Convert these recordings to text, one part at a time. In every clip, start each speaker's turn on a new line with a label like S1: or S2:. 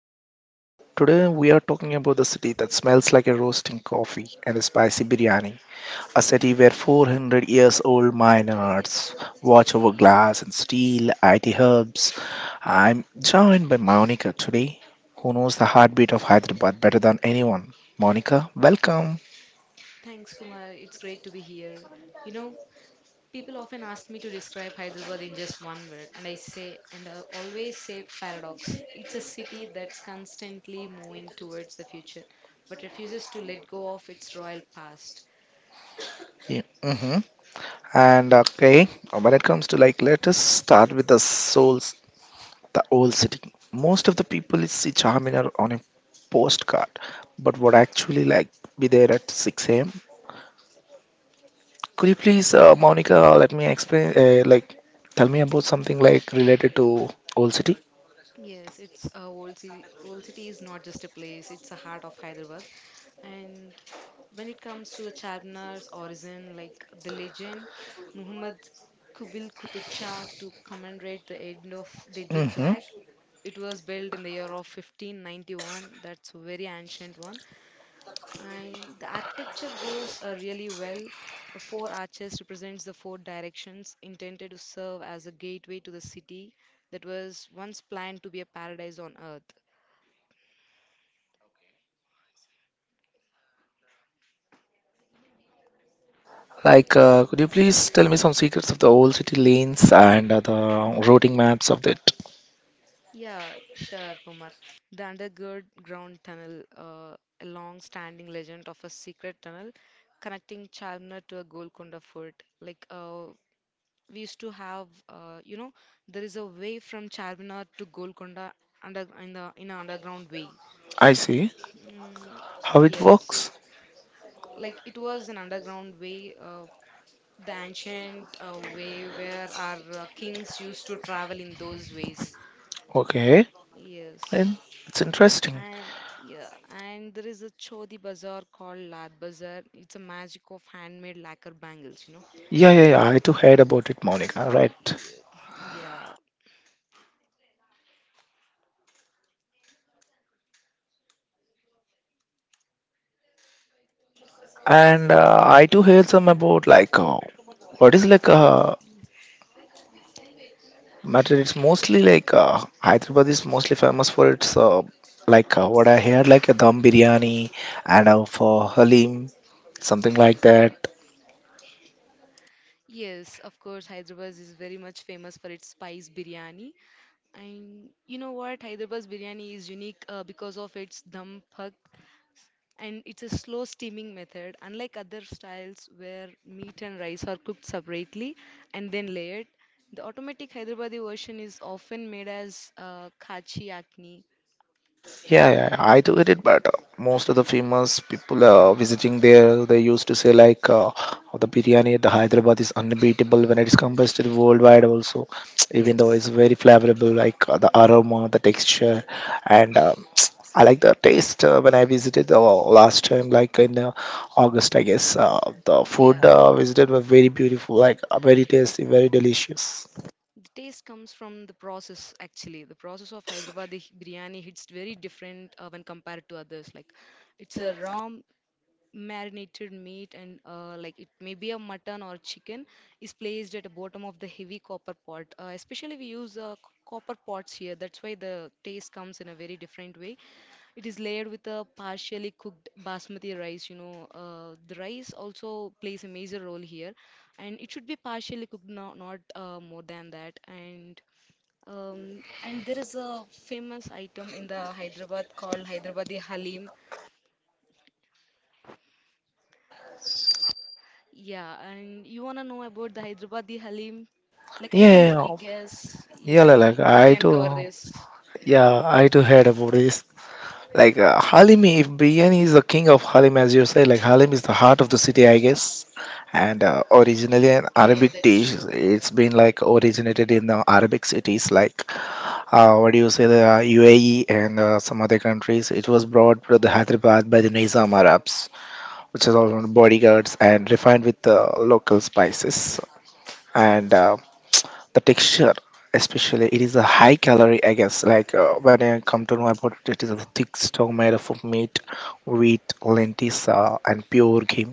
S1: host Kumar. Today we are talking about the city that smells like a roasting coffee and a spicy biryani. A city where 400 years old miners watch over glass and steel, IT hubs. I'm joined by Monica today, who knows the heartbeat of Hyderabad better than anyone. Monica, welcome.
S2: Thanks, Kumar. It's great to be here. You know, people often ask me to describe Hyderabad in just one word, and I say, and I always say paradox. It's a city that's constantly moving towards the future, but refuses to let go of its royal past.
S1: Yeah, mhm. And okay, when it comes to like, let us start with the soul the old city. Most of the people see Charminar on a postcard, but would actually like be there at 6 a.m. Could you please, Monica, let me explain, like, tell me about something like related to old city?
S2: Yes, it's old city. Old city is not just a place; it's a heart of Hyderabad. And when it comes to the Charminar's origin, like the legend, Muhammad Kubil Qutub Shah to commemorate the end of deadly
S1: Mm-hmm.
S2: plague. It was built in the year of 1591. That's a very ancient one and the architecture goes really well. The four arches represents the four directions intended to serve as a gateway to the city that was once planned to be a paradise on earth.
S1: Like,
S2: Yes.
S1: could you
S2: Yes.
S1: please tell me some secrets of the old city lanes and the routing maps of it?
S2: Yeah, sure, Kumar. The underground tunnel, a long-standing legend of a secret tunnel connecting Chalmer to a Golconda fort. Like, we used to have, there is a way from Charminar to Golconda under in the in an underground way.
S1: I see
S2: Mm,
S1: how it works.
S2: yes. Like it was an underground way, the ancient way where our kings used to travel in those ways.
S1: Okay, and
S2: Yes.
S1: it's interesting.
S2: And yeah, and there is a Chodi bazaar called Lad Bazaar. It's a magic of handmade lacquer bangles.
S1: Yeah, yeah, yeah. I too heard about it, Monica. Right.
S2: Yeah. Yeah.
S1: And I too heard some about like what is like matter. It's mostly like Hyderabad is mostly famous for its like what
S2: It's
S1: I
S2: yeah.
S1: heard like a dum biryani and for halim something like that.
S2: Yes, of course, Hyderabad is very much famous for its spice biryani. And you know what? Hyderabad's biryani is unique because of its dum pak, and it's a slow steaming method unlike other styles where meat and rice are cooked separately and then layered. The automatic hyderabadi version is often made as kachi akni.
S1: Yeah, yeah, yeah. I do get it, but most of the famous people visiting there, they used to say like "Oh, the biryani at the Hyderabad is unbeatable when it is compared to the worldwide also, even though it's
S2: Yes.
S1: very flavorable, like the aroma, the texture, and I like the taste when I visited the last time, like in August, I guess. The food
S2: Yeah.
S1: yeah, visited were very beautiful, like very tasty, very delicious.
S2: The taste comes from the process. Actually, the process of hyderabadi biryani hits very different when compared to others, like it's a raw marinated meat, and like it may be a mutton or chicken is placed at the bottom of the heavy copper pot. Especially we use copper pots here. That's why the taste comes in a very different way. It is layered with a partially cooked basmati rice. The rice also plays a major role here, and it should be partially cooked, not more than that. And there is a famous item in the Hyderabad called Hyderabadi Halim. Yeah, and you wanna know about the Hyderabadi Halim? Like, I think,
S1: Yeah,
S2: I
S1: yeah,
S2: guess,
S1: yeah,
S2: yeah,
S1: like
S2: you
S1: I
S2: can cover
S1: do.
S2: this.
S1: Yeah, I too heard about this. Like Halim, if biryani is the king of Halim, as you say, like Halim is the heart of the city, I guess. And originally an
S2: Yeah,
S1: Arabic
S2: that's
S1: dish,
S2: true.
S1: it's been like originated in the Arabic cities, like what do you say, the UAE and some other countries. It was brought to the Hyderabad by the Nizam Arabs, which is all on bodyguards and refined with local spices. And the texture, especially it is a high calorie, I guess, like when I come to know about it, it is a thick stock made up of meat, wheat, lentils, and pure game.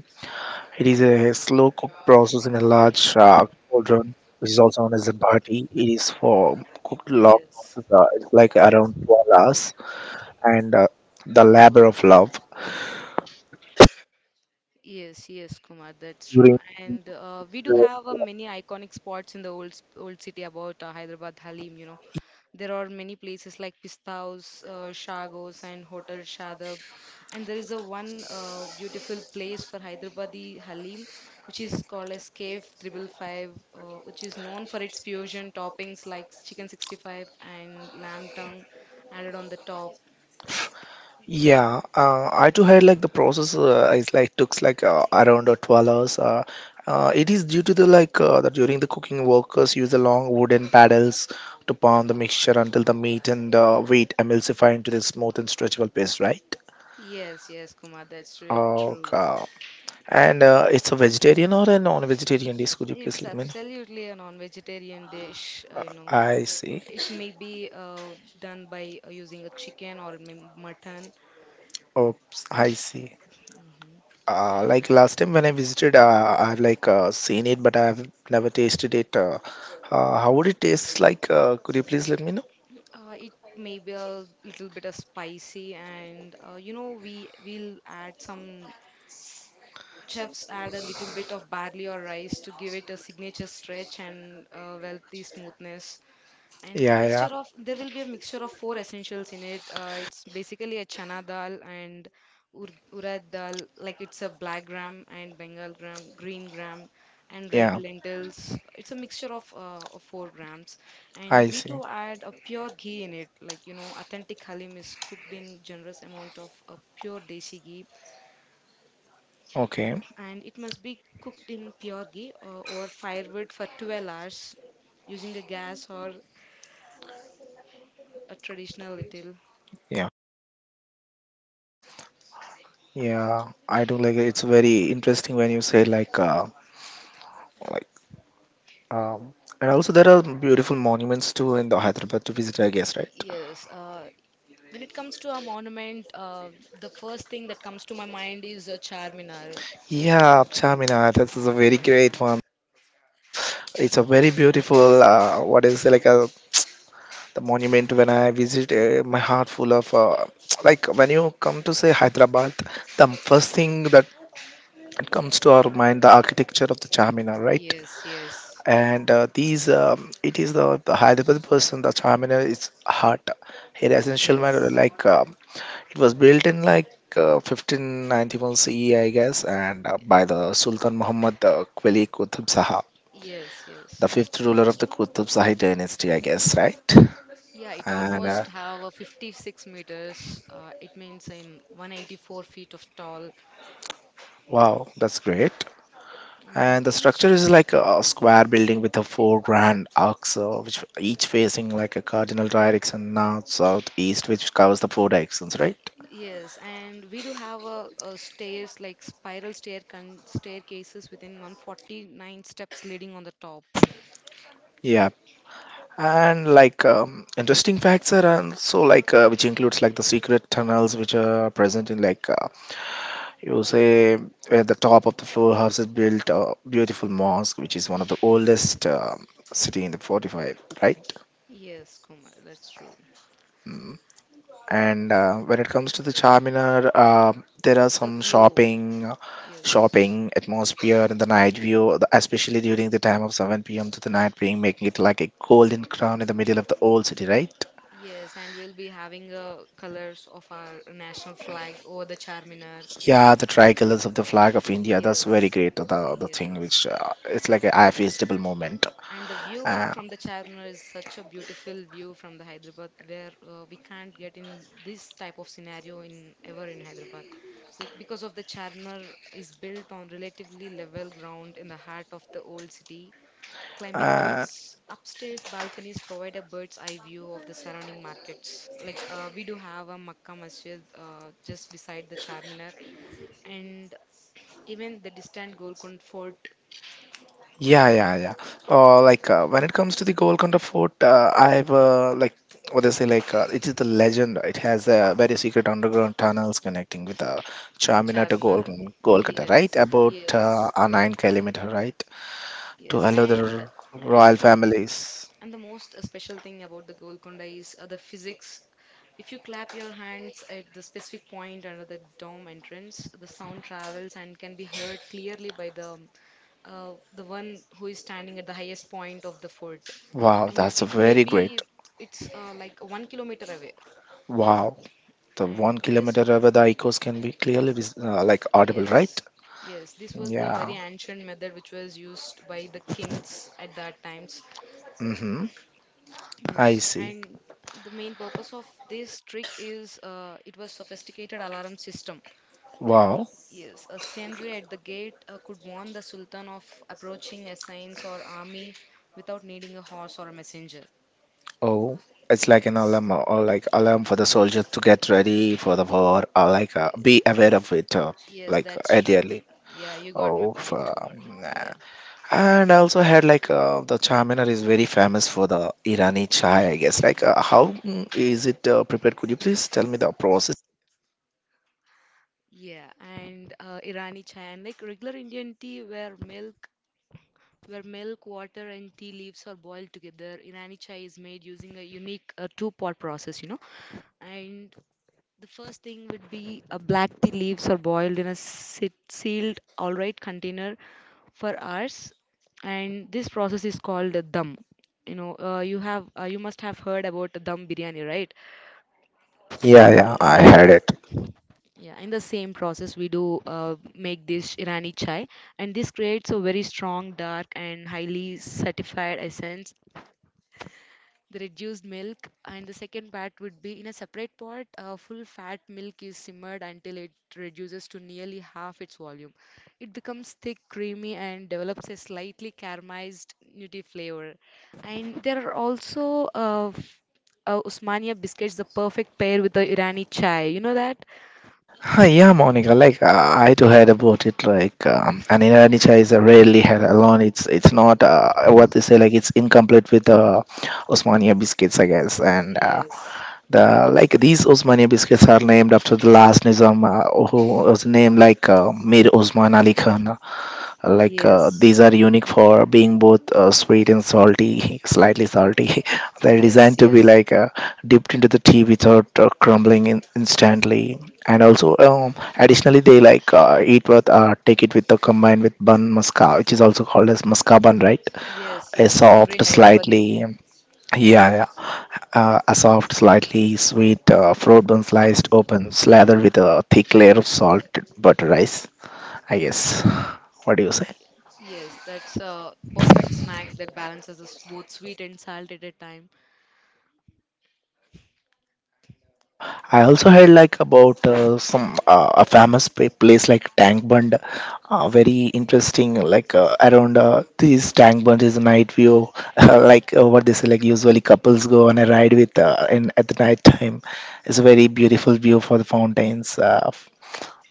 S1: It is a slow cook process in a large cauldron, which is also known as a bhati. It is for cooked long process,
S2: Yes.
S1: it's like around 12 hours and the labor of love.
S2: Yes, yes, Kumar, that's true. And we do have many iconic spots in the old city about Hyderabad Halim. There are many places like Pista House, Shagos, and Hotel Shadab. And there is a one beautiful place for Hyderabadi Halim, which is called as Cave Triple Five, which is known for its fusion toppings like chicken 65 and lamb tongue added on the top.
S1: Yeah, I too had like the process is like took like around 12 hours. It is due to the like that during the cooking, workers use the long wooden paddles to pound the mixture until the meat and wheat emulsify into the smooth and stretchable paste, right?
S2: Yes, yes, Kumar, that's true.
S1: Okay. And it's a vegetarian or a non-vegetarian dish? Could you please
S2: It's
S1: let me know?
S2: absolutely a non-vegetarian dish.
S1: I see.
S2: It may be done by using a chicken or may mutton.
S1: Oops, I see. Like last time when I visited, I've like seen it, but I've never tasted it. How would it taste like? Could you please let me know?
S2: It may be a little bit of spicy, and you know we will add some chefs add a little bit of barley or rice to give it a signature stretch and wealthy smoothness. And a
S1: Yeah, yeah,
S2: mixture of there will be a mixture of four essentials in it. It's basically a chana dal and urad dal, like it's a black gram and bengal gram, green gram, and
S1: yeah.
S2: red lentils. It's a mixture of four grams,
S1: I
S2: and we
S1: see.
S2: too add a pure ghee in it. Like authentic halim is cooked in generous amount of pure desi ghee,
S1: Okay.
S2: and it must be cooked in pure ghee or firewood for 12 hours using a gas or a traditional little.
S1: Yeah, yeah. I do like it. It's very interesting when you say like, um, and also there are beautiful monuments too in the Hyderabad to visit, I guess, right?
S2: Yes, when it comes to a monument, the first thing that comes to my mind is Charminar.
S1: Yeah, Chaminar. This is a very great one. It's a very beautiful. What is it, like a the monument when I visit, my heart full of like when you come to say Hyderabad, the first thing that comes to our mind the architecture of the Charminar, right?
S2: Yes, yes,
S1: And these it is the Hyderabad person the Charminar is heart. Here essential matter
S2: yes,
S1: like it was built in like. 1591 CE, I guess, and by the Sultan Muhammad Quli Qutb Saha,
S2: yes,
S1: the
S2: yes, yes,
S1: fifth ruler of
S2: that's
S1: the
S2: true.
S1: Qutb Shahi dynasty, I guess, right?
S2: Yeah, it
S1: And
S2: almost have a 56 meters. It means in 184 feet of tall,
S1: wow, that's great. And
S2: and
S1: the structure
S2: each,
S1: is like a square building with a four grand arcs, which each facing like a cardinal direction north, south, east, which covers the four directions, right?
S2: yes, and we do have a stairs like spiral staircases within 149 steps leading on the top.
S1: Yeah. And like interesting facts are also like which includes like the secret tunnels which are present in like you say at the top of the floor house is built a beautiful mosque, which is one of the oldest city in the 45, right.
S2: Yes, Kumar, that's true.
S1: Mm. And when it comes to the Charminar, there are
S2: The
S1: some
S2: view,
S1: shopping,
S2: yes.
S1: shopping atmosphere in the night view, the- especially during the time of 7 p.m. to the night being making it like a golden crown in the middle of the old city, right?
S2: Yes, and we'll be having colors of our national flag over the Charminar.
S1: Yeah, the tricolors of the flag of India. That's very
S2: Yes,
S1: great. The thing
S2: yes.
S1: which it's like a eye feasible moment.
S2: And the view
S1: Uh,
S2: from the Charminar is such a beautiful view from the Hyderabad, where we can't get in this type of scenario in ever in Hyderabad. Like because of the Charminar is built on relatively level ground in the heart of the old city. Climbing to
S1: uh,
S2: its upstairs balconies provide a bird's eye view of the surrounding markets. Like we do have a Makkah Masjid just beside the Charminar, and even the distant Golconda Fort
S1: Yeah, yeah, yeah. Like when it comes to the Golconda Fort, I've like what they say, like it is the legend, right? It has very secret underground tunnels connecting with Charminar to Gol
S2: Charminar.
S1: Golconda, right?
S2: Yes,
S1: About
S2: yes,
S1: a 9 kilometers, right, to
S2: yes.
S1: allow the
S2: And
S1: royal
S2: from
S1: families.
S2: And the most special thing about the Golconda is the physics. If you clap your hands at the specific point under the dome entrance, the sound travels and can be heard clearly by the one who is standing at the highest point of the fort.
S1: Wow,
S2: And
S1: that's
S2: it may
S1: very
S2: be
S1: great.
S2: it's like 1 kilometer away.
S1: Wow, the one
S2: And this,
S1: kilometer over the echoes can be clearly vis like audible, right?
S2: yes, yes, this was the
S1: Yeah.
S2: very ancient method which was used by the kings at that time. So
S1: Mm-hmm. I
S2: Yes,
S1: see.
S2: and the main purpose of this trick is it was sophisticated alarm system.
S1: Wow.
S2: Yes, a sentry at the gate could warn the sultan of approaching assassins or army without needing a horse or a messenger.
S1: Oh, it's like an
S2: Yes,
S1: alarm or like alarm for the soldier to get ready for the war or like be aware of it
S2: yes,
S1: like
S2: that's true.
S1: ideally.
S2: Yeah, you got my point, Kumar.
S1: Nah.
S2: Yeah,
S1: And I also had like the Charminar is very famous for the Irani chai, I guess. Like, how is it prepared? Could you please tell me the process?
S2: yeah, and Irani chai and like regular Indian tea where milk water, and tea leaves are boiled together. Irani chai is made using a unique two-pot process. And the first thing would be a black tea leaves are boiled in a sealed, all right, container for hours. And this process is called a dum. You must have heard about the dum biryani, right?
S1: Yeah, yeah, I
S2: Yeah.
S1: had it.
S2: Yeah, in the same process, we do make this Irani chai, and this creates a very strong, dark, and highly certified essence. The reduced milk and the second part would be in a separate pot. Full fat milk is simmered until it reduces to nearly half its volume. It becomes thick, creamy, and develops a slightly caramelized nutty flavor. And there are also usmania biscuits, the perfect pair with the irani chai, you know that.
S1: Hi, yeah, Monica. Like I too heard about it. Like an Irani chai is a rarely had alone. It's not what they say. Like it's incomplete with Osmania biscuits, I guess. And
S2: Yes,
S1: the like these Osmania biscuits are named after the last Nizam who was named like Mir Osman Ali Khan, like
S2: yes,
S1: these are unique for being both sweet and salty slightly salty they're
S2: yes,
S1: designed to
S2: yes,
S1: be like dipped into the tea without crumbling instantly, and also additionally they like eat with take it with the combined with bun masca, which is also called as masca bun, right?
S2: yes,
S1: A
S2: yes.
S1: soft
S2: Every
S1: yes,
S2: Hyderabadi.
S1: slightly yeah, yeah. A soft, slightly sweet fruit bun sliced open, slathered with a thick layer of salt butter rice. I guess. What do you say?
S2: Yes, that's a perfect snack that balances us both sweet and salt at a time.
S1: Uh, I also heard like about some a famous place like Tank Bund, very interesting. Like around this Tank Bund is night view, like what they say. Like usually couples go on a ride with in at the night time. It's a very beautiful view for the fountains.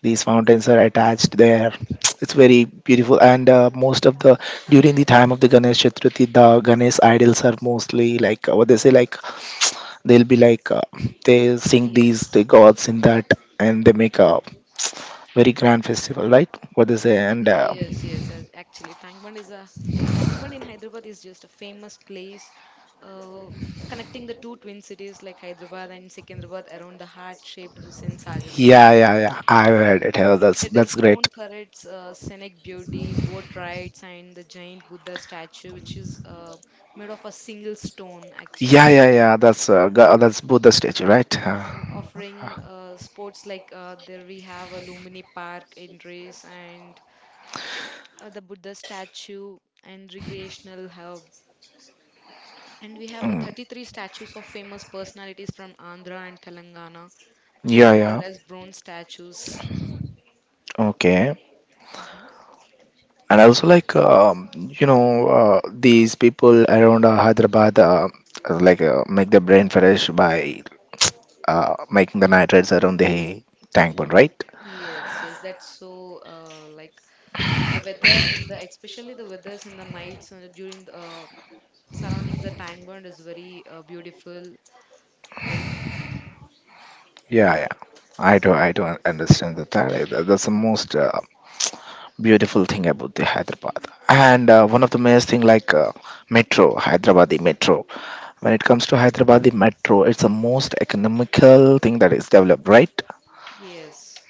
S1: These fountains are attached there. It's very beautiful and most of the during the time of the ganesh chaturthi the ganesh idols are mostly like what they say like they'll be like they sing these the
S2: Yes,
S1: gods in that, and they make a very grand festival, right, what they say, and
S2: yes, yes. Actually, Tang Bund in Hyderabad is just a famous place, uh, connecting the two twin cities like Hyderabad and Secunderabad around the heart-shaped Hussain Sagar Lake.
S1: yeah yeah yeah, I've heard it, yeah,
S2: It
S1: that's
S2: is
S1: great.
S2: known for its scenic beauty, boat rides, and the giant Buddha statue, which is made of a single stone, actually.
S1: Yeah yeah yeah, that's that's buddha statue right.
S2: And offering sports, like there we have a Lumini Park in Race, and the Buddha statue and recreational hub. And we have
S1: Mm.
S2: 33 statues of famous personalities from Andhra and Telangana, which is
S1: Yeah
S2: called
S1: yeah
S2: as bronze statues.
S1: okay.
S2: Hmm.
S1: And also like you know these people around hyderabad like make the brain fresh by making the nitrates around the tank pond, right?
S2: Yes, yes, that's so like, the weather in the, especially the weathers in the nights during the surroundings the Tang Bond is very beautiful. Like,
S1: Yeah yeah I do, I don't understand that. That's the most beautiful thing about the hyderabad, and one of the most thing like metro Hyderabadi metro. When it comes to Hyderabadi metro, it's the most economical thing that is developed, right.
S2: yes,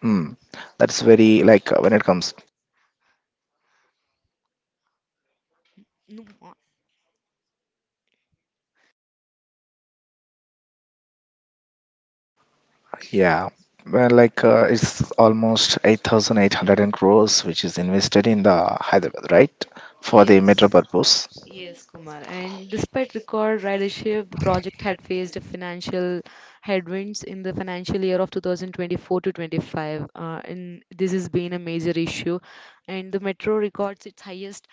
S1: Mm. That's very like when it comes.
S2: no,
S1: Yeah, well, like it's almost 8,800 crores which is invested in the Hyderabad, right? For the metro
S2: yes.
S1: purpose.
S2: Yes, Kumar. And despite record ridership, the project had faced financial headwinds in the financial year of 2024 to 25. And this has been a major issue. And the metro records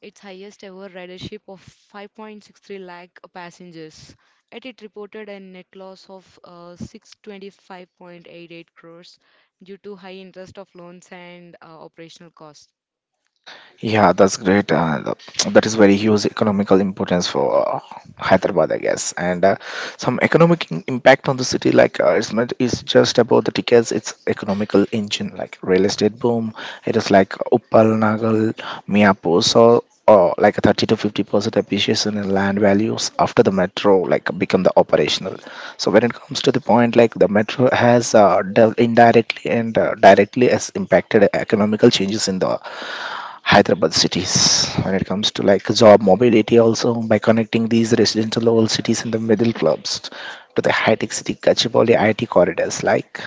S2: its highest ever ridership of 5.63 lakh passengers. Yet it reported a net loss of 625.88 crores due to high interest of loans and operational costs.
S1: Yeah, that's great. That is very huge economical importance for Hyderabad, I guess. And some economic impact on the city, like it's not is just about the tickets. It's economical engine, like real estate boom. It is like Uppal, Nagal, Miapur. So. Or like a 30 to 50% appreciation in land values after the metro like become the operational. So when it comes to the point, like the metro has dealt indirectly and directly has impacted economical changes in the Hyderabad cities when it comes to like job mobility also, by connecting these residential old cities in the middle clubs to the high-tech city Gachibowli IT corridors, like,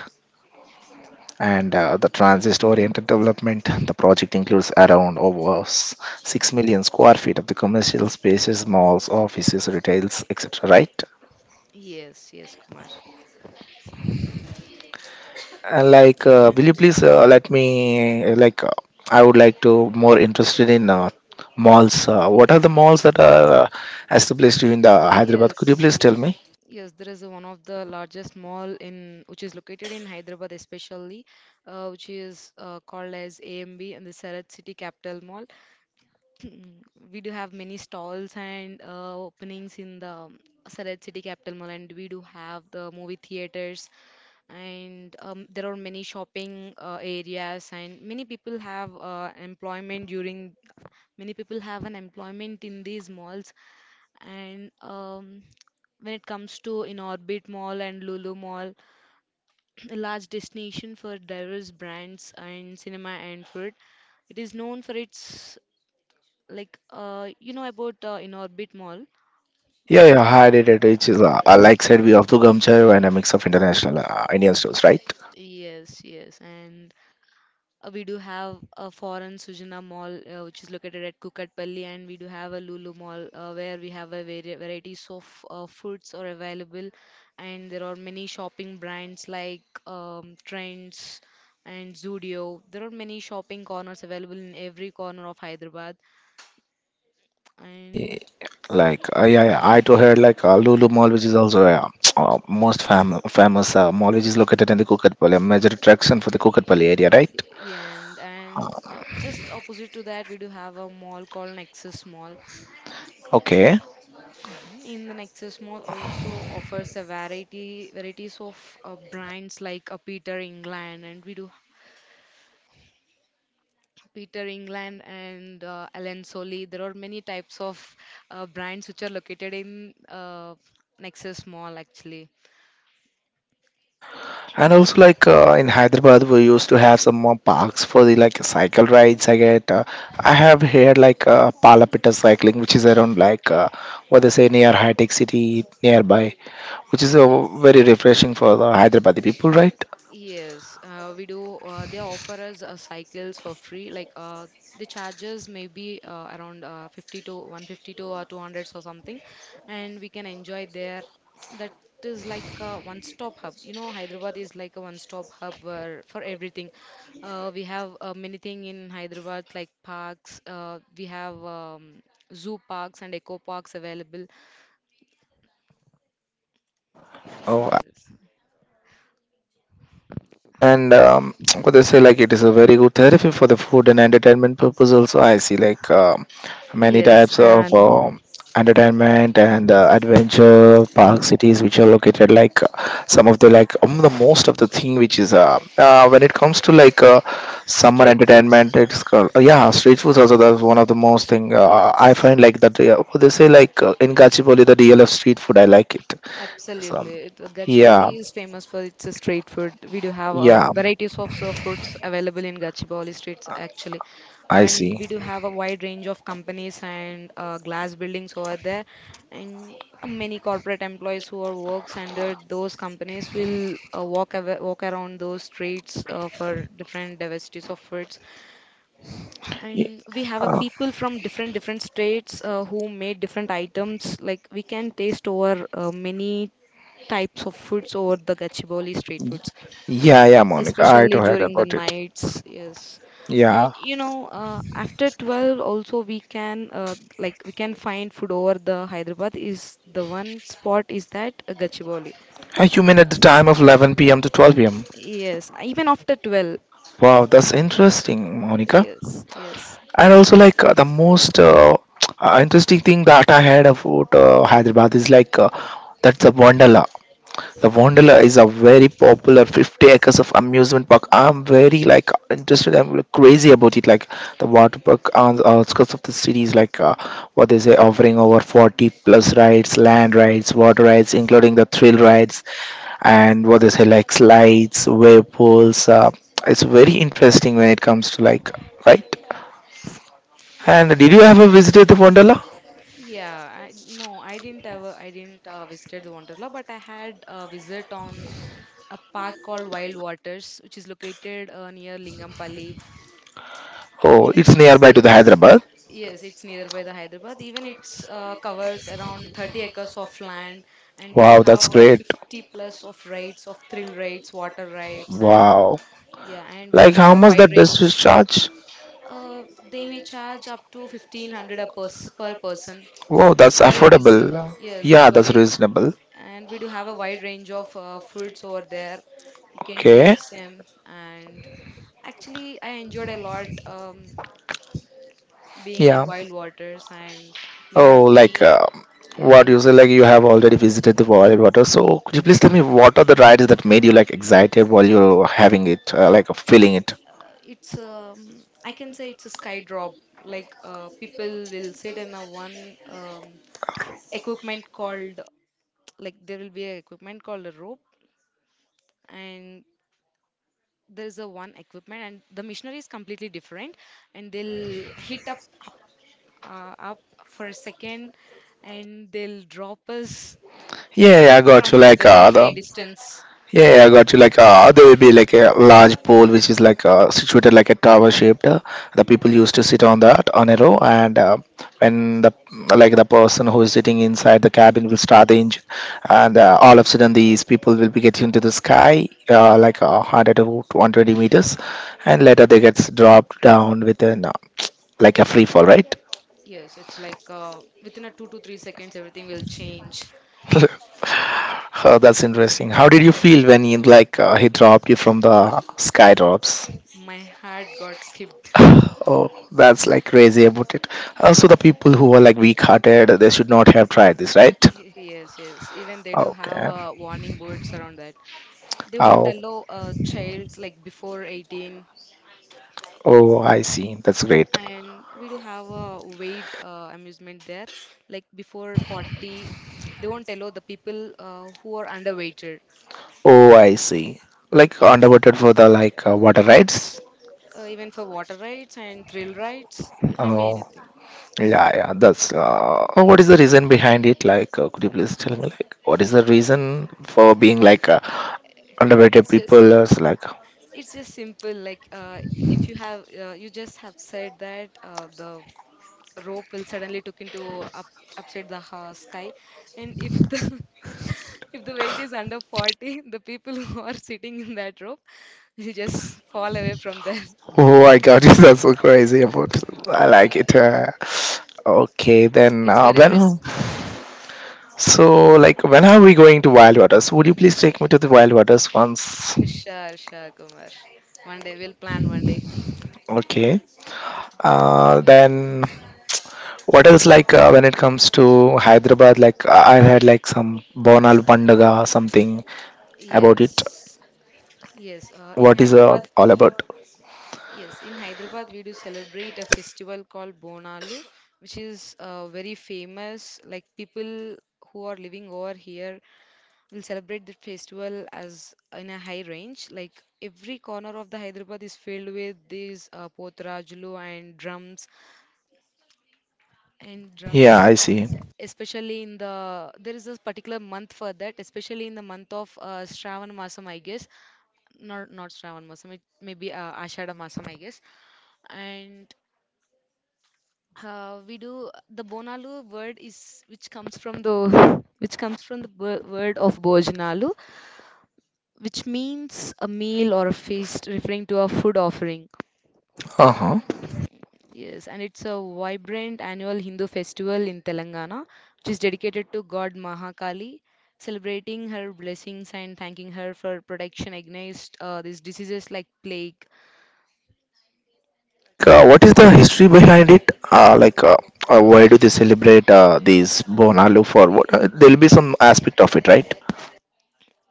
S1: and the transit-oriented development. The project includes around over 6 million square feet of the commercial spaces, malls, offices, retails, etc. Right?
S2: Yes, yes, Kumar.
S1: Will
S2: And
S1: you please let me uh, like uh, I would like to more interested in malls, what are the malls that are established in the hyderabad? Could you
S2: yes,
S1: please tell me?
S2: yes, there is a one of the largest mall in which is located in Hyderabad, especially, which is called as AMB and the Sarat City Capital Mall. Mm. We do have many stalls and openings in the Sarat City Capital Mall, and we do have the movie theaters, and there are many shopping areas, and many people have an employment in these malls. And when it comes to In Orbit Mall and Lulu Mall, a large destination for diverse brands and cinema and food. It is known for its, like you know about In Orbit Mall.
S1: Yeah, yeah, hyderabad which is like said, we have to gamchai and a mix of international indian stores, right?
S2: Yes, yes, and we do have a foreign Sujana Mall, which is located at Kukatpally, and we do have a Lulu Mall, where we have a varieties of foods are available, and there are many shopping brands like Trends and Zudio. There are many shopping corners available in every corner of Hyderabad, and
S1: Yeah, yeah, I too heard like lulu mall which is also uh, most famous mall which is located in the kukatpally, a major attraction for the kukatpally area, right?
S2: yeah, and just opposite to that, we do have a mall called Nexus Mall.
S1: Okay.
S2: In the Nexus Mall also offers a variety varieties of brands like Peter England, and we do Peter England and Allen Solly. There are many types of brands which are located in Nexus Mall actually.
S1: And also, like in Hyderabad, we used to have some more parks for the like cycle rides. I get, I have here like Palapita cycling, which is around like what they say, near High Tech City nearby, which is very refreshing for the Hyderabadi people, right?
S2: Yes, we do. They offer us cycles for free. Like the charges may be around 50 to 152 or 200 or something, and we can enjoy there. That is like a one-stop hub. You know, Hyderabad is like a one-stop hub where, for everything. We have many thing in Hyderabad like parks. We have zoo parks and eco parks available.
S1: Oh.
S2: Yes,
S1: And what they say, like it is a very good therapy for the food and entertainment purpose. Also, I see like many
S2: yes,
S1: types of
S2: and
S1: entertainment and adventure park cities which are located like some of the like the most of the thing which is when it comes to like summer
S2: street
S1: entertainment,
S2: foods.
S1: it's called yeah, street food also. That's one of the most thing I
S2: Yes.
S1: find like that, what they say, like in gachibowli, the dlf street food, I like it. So
S2: Absolutely. Gachibowli
S1: yeah,
S2: is famous for its street food. We do have
S1: yeah,
S2: varieties of fruits available in Gachibowli streets, actually.
S1: I
S2: And
S1: see.
S2: we do have a wide range of companies and glass buildings over there. And many corporate employees who are works under those companies will walk around those streets for different diversities of foods,
S1: Yeah.
S2: and we have a people from different different states who made different items, like we can taste over many types of foods over the gachibowli street foods,
S1: Yeah, yeah, Monica, I too
S2: especially
S1: heard
S2: during the
S1: about it.
S2: nights. Yes, and
S1: Yeah.
S2: you know, after 12 also we can we can find food over the Hyderabad is the one spot is that gachibowli.
S1: Hey, you mean at the time of 11 p.m. to 12 p.m.?
S2: Yes, even after 12.
S1: Wow, that's interesting, Monica.
S2: Yes, yes,
S1: And also, like, the most interesting thing that I heard about Hyderabad is like that's the Wonderla. The Wonderla
S2: yeah.
S1: is a very popular 50 acres of amusement park. I'm very like interested. I'm like, crazy about it. Like the water park on the outskirts of the city is like what they say, offering over 40 plus rides, land rides, water rides, including the thrill rides, and what they say like slides, whirlpools. It's very interesting when it comes to like right. And did you ever visited the Wonderla?
S2: Yeah, I didn't ever, I didn't visited the Wanderla, but I had a visit on a park called Wild Waters, which is located near Lingampally.
S1: Oh,
S2: Even it
S1: it's
S2: is,
S1: nearby to the
S2: yes,
S1: Hyderabad.
S2: yes, it's nearby the Hyderabad. Even it's covers around 30 acres of land, and we do
S1: Wow,
S2: have
S1: that's great.
S2: 50 plus of rides, of thrill rides, water rides, and
S1: Wow.
S2: yeah, and we do
S1: Like
S2: have
S1: how
S2: a
S1: much
S2: wide
S1: that does you
S2: range.
S1: charge?
S2: They may charge up to 1500 a per person.
S1: Wow,
S2: It's
S1: that's
S2: very reasonable.
S1: affordable.
S2: Yes, it's
S1: Yeah, that's
S2: very,
S1: reasonable.
S2: and we do have a wide range of foods over there. You can
S1: Okay.
S2: taste them, and actually, I enjoyed a lot being in
S1: Yeah.
S2: Wild Waters, and we had
S1: Oh, like
S2: many. Yeah, we
S1: what you
S2: have.
S1: say, like you have already visited the wild water. So could you please tell me, what are the rides that made you like excited while you're having it, like feeling it?
S2: It's I can say it's a sky drop. Like people will sit in a one equipment called, like there will be a equipment called a rope, and there is a one equipment and the missionary is completely different, and they'll hit up, up, up for a second, and they'll drop us
S1: Yeah, yeah, I
S2: from
S1: got you. Like
S2: very high
S1: the
S2: distance.
S1: yeah, yeah, I got you. Like there will be like a large pole which is like situated like a tower shaped. The people used to sit on that on a row, and when the like the person who is sitting inside the cabin will start the engine, and all of a sudden these people will be getting to the sky like 100 to 120 meters, and later they gets dropped down with an like a free fall, right?
S2: Yes, it's like within a 2 to 3 seconds everything will change.
S1: Oh, that's interesting. How did you feel when he like he dropped you from the sky drops?
S2: My heart got skipped.
S1: Oh, that's like crazy about it. Also, the people who are like weak-hearted, they should not have tried this, right?
S2: Yes, yes, even they do have
S1: Okay.
S2: warning boards around that. They won't
S1: Oh,
S2: allow childs like before 18.
S1: oh, I see. That's great.
S2: And we do have a weight amusement there. Like before 40, they won't allow the people who are underweighted.
S1: Oh, I see. Like underwater for the like water rides.
S2: Even for water rides and thrill rides, it may be
S1: Oh,
S2: anything.
S1: yeah, yeah. That's. Oh, what is the reason behind it? Like, could you please tell me? Like, what is the reason for being like underrated
S2: It's just,
S1: people is like
S2: it's just simple. Like if you have, you just have said that the rope will suddenly took into up upside the sky, and if the if the weight is under 40, the people who are sitting in that rope will just fall away from there.
S1: oh my god. That's so crazy about it. I
S2: Yeah,
S1: like it, okay then,
S2: it's very risk.
S1: well, so like when are we going to wild waters? Would you please take me to the wild waters once?
S2: Sure, sure, Kumar. One day we'll plan one day.
S1: Okay. Then what else like when it comes to hyderabad, like I had like some bonal pandaga something about it.
S2: Yes, yes. In
S1: What is
S2: Hyderabad,
S1: all about?
S2: yes, in Hyderabad we do celebrate a festival called Bonalu, which is very famous. Like people who are living over here will celebrate the festival as in a high range. Like every corner of the Hyderabad is filled with these potrajlu and drums and yeah, drums.
S1: Yeah, I see.
S2: Especially in the there is this particular month for that, especially in the month of Shravan Masam I guess, not Shravan Masam, it may be Ashada Masam I guess. And we do the bonalu word is which comes from the word of bojanalu, which means a meal or a feast referring to a food offering.
S1: Uh-huh.
S2: Yes, and it's a vibrant annual Hindu festival in Telangana, which is dedicated to God Mahakali, celebrating her blessings and thanking her for protection against these diseases like plague.
S1: Like, what is the history behind it? Like, why do they celebrate these Bonalu for? What? There'll be some aspect of it, right?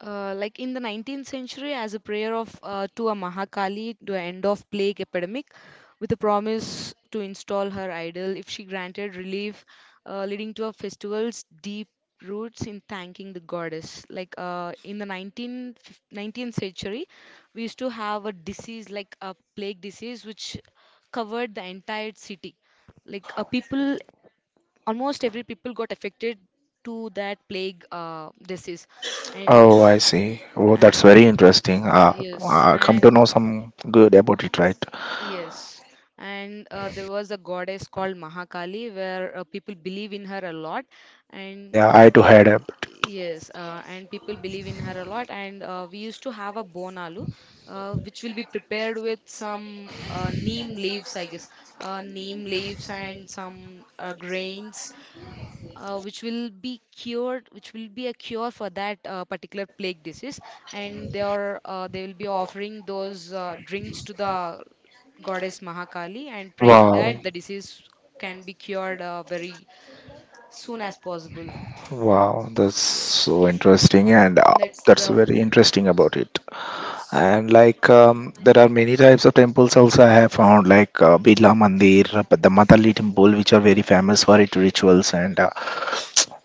S2: Like in the 19th century, as a prayer of to a Mahakali to end of plague epidemic, with a promise to install her idol if she granted relief, leading to a festival's deep roots in thanking the goddess. Like in the 19th century, we used to have a disease like a plague disease which covered the entire city. Like people, almost every people got affected to that plague disease, and
S1: Oh, I see. Oh, that's
S2: and
S1: very interesting.
S2: yes,
S1: Come to know some good about it, right?
S2: yes and there was a goddess called mahakali where people believe in her a lot,
S1: Yeah,
S2: and
S1: yeah, I too heard about it.
S2: yes, and people believe in her a lot, and we used to have a bonalu, which will be prepared with some neem leaves I guess, neem leaves and some grains, which will be cured, which will be a cure for that particular plague disease, and they will be offering those drinks to the goddess Mahakali and praying
S1: Wow,
S2: that the disease can be cured very soon as possible.
S1: wow, that's
S2: Yes,
S1: so interesting, and
S2: that's
S1: that's
S2: the
S1: very interesting about it.
S2: yes.
S1: And like, there are many types of temples also I have found, like Birla Mandir, the Matali temple, which are very famous for its rituals and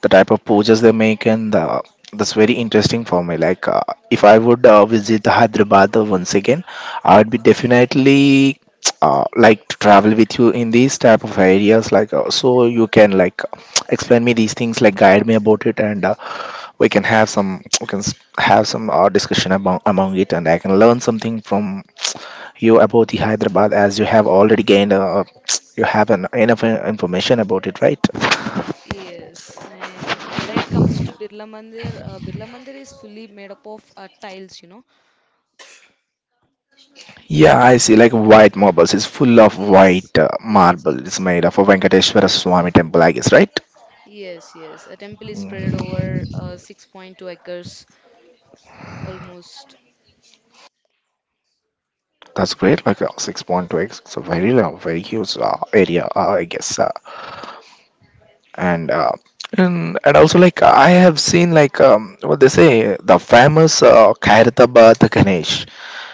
S1: the type of poses they make, and that's very interesting for me like if I would visit hyderabad once again, I would be definitely like to travel with you in these type of areas, like so you can like explain me these things, like guide me about it, and we can have some we can s- have some discussion about among it, and I can learn something from you about the hyderabad, as you have already gained you have an enough information about it, right?
S2: Yes, and when it comes to Birla Mandir, Birla Mandir is fully made up of tiles, you know.
S1: Yeah, I see. Like white marbles. It's full of
S2: Yes,
S1: white
S2: yes,
S1: marble. It's
S2: it's
S1: made of a Venkateshwara Swami temple, I guess, right?
S2: yes, yes. A temple is spread
S1: Mm,
S2: over 6.2 acres almost.
S1: that's great. Like 6.2x. It's a very, very huge area, I guess. And and also like I have seen like what they say, the famous Kairatabad Ganesh,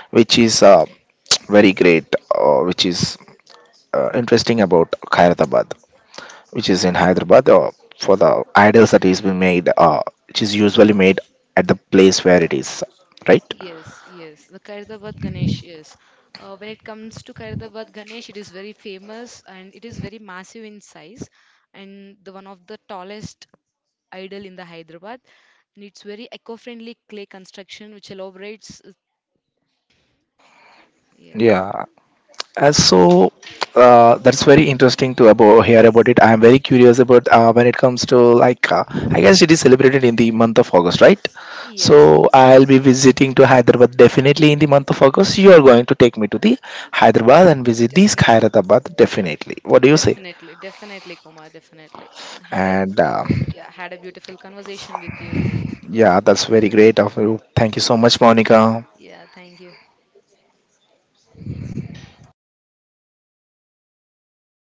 S1: which is very great, which is interesting about Kairatabad, which is in Hyderabad, for the idols that is being made, which is usually made at the place where it is, right?
S2: Yes, yes. The Kairadabad Ganesh, yes. When it comes to Kairadabad Ganesh, it is very famous and it is very massive in size and the one of the tallest idol in the Hyderabad. And it's very eco-friendly clay construction which elaborates. Yeah.
S1: Yeah. And so that's very interesting to hear about it. I am very curious about when it comes to like. I guess it is celebrated in the month of August, right?
S2: Yes,
S1: So
S2: yes,
S1: I'll
S2: yes.
S1: be visiting to Hyderabad definitely in the month of August. You are going to take me to the Hyderabad and visit the
S2: Definitely.
S1: Skyratabad definitely. What do you say?
S2: Definitely, definitely, Kumar, definitely. Had a
S1: And
S2: yeah, had a beautiful conversation with you.
S1: yeah, that's very
S2: Yeah,
S1: great of you. Thank you so much, Monica.
S2: yeah, thank you.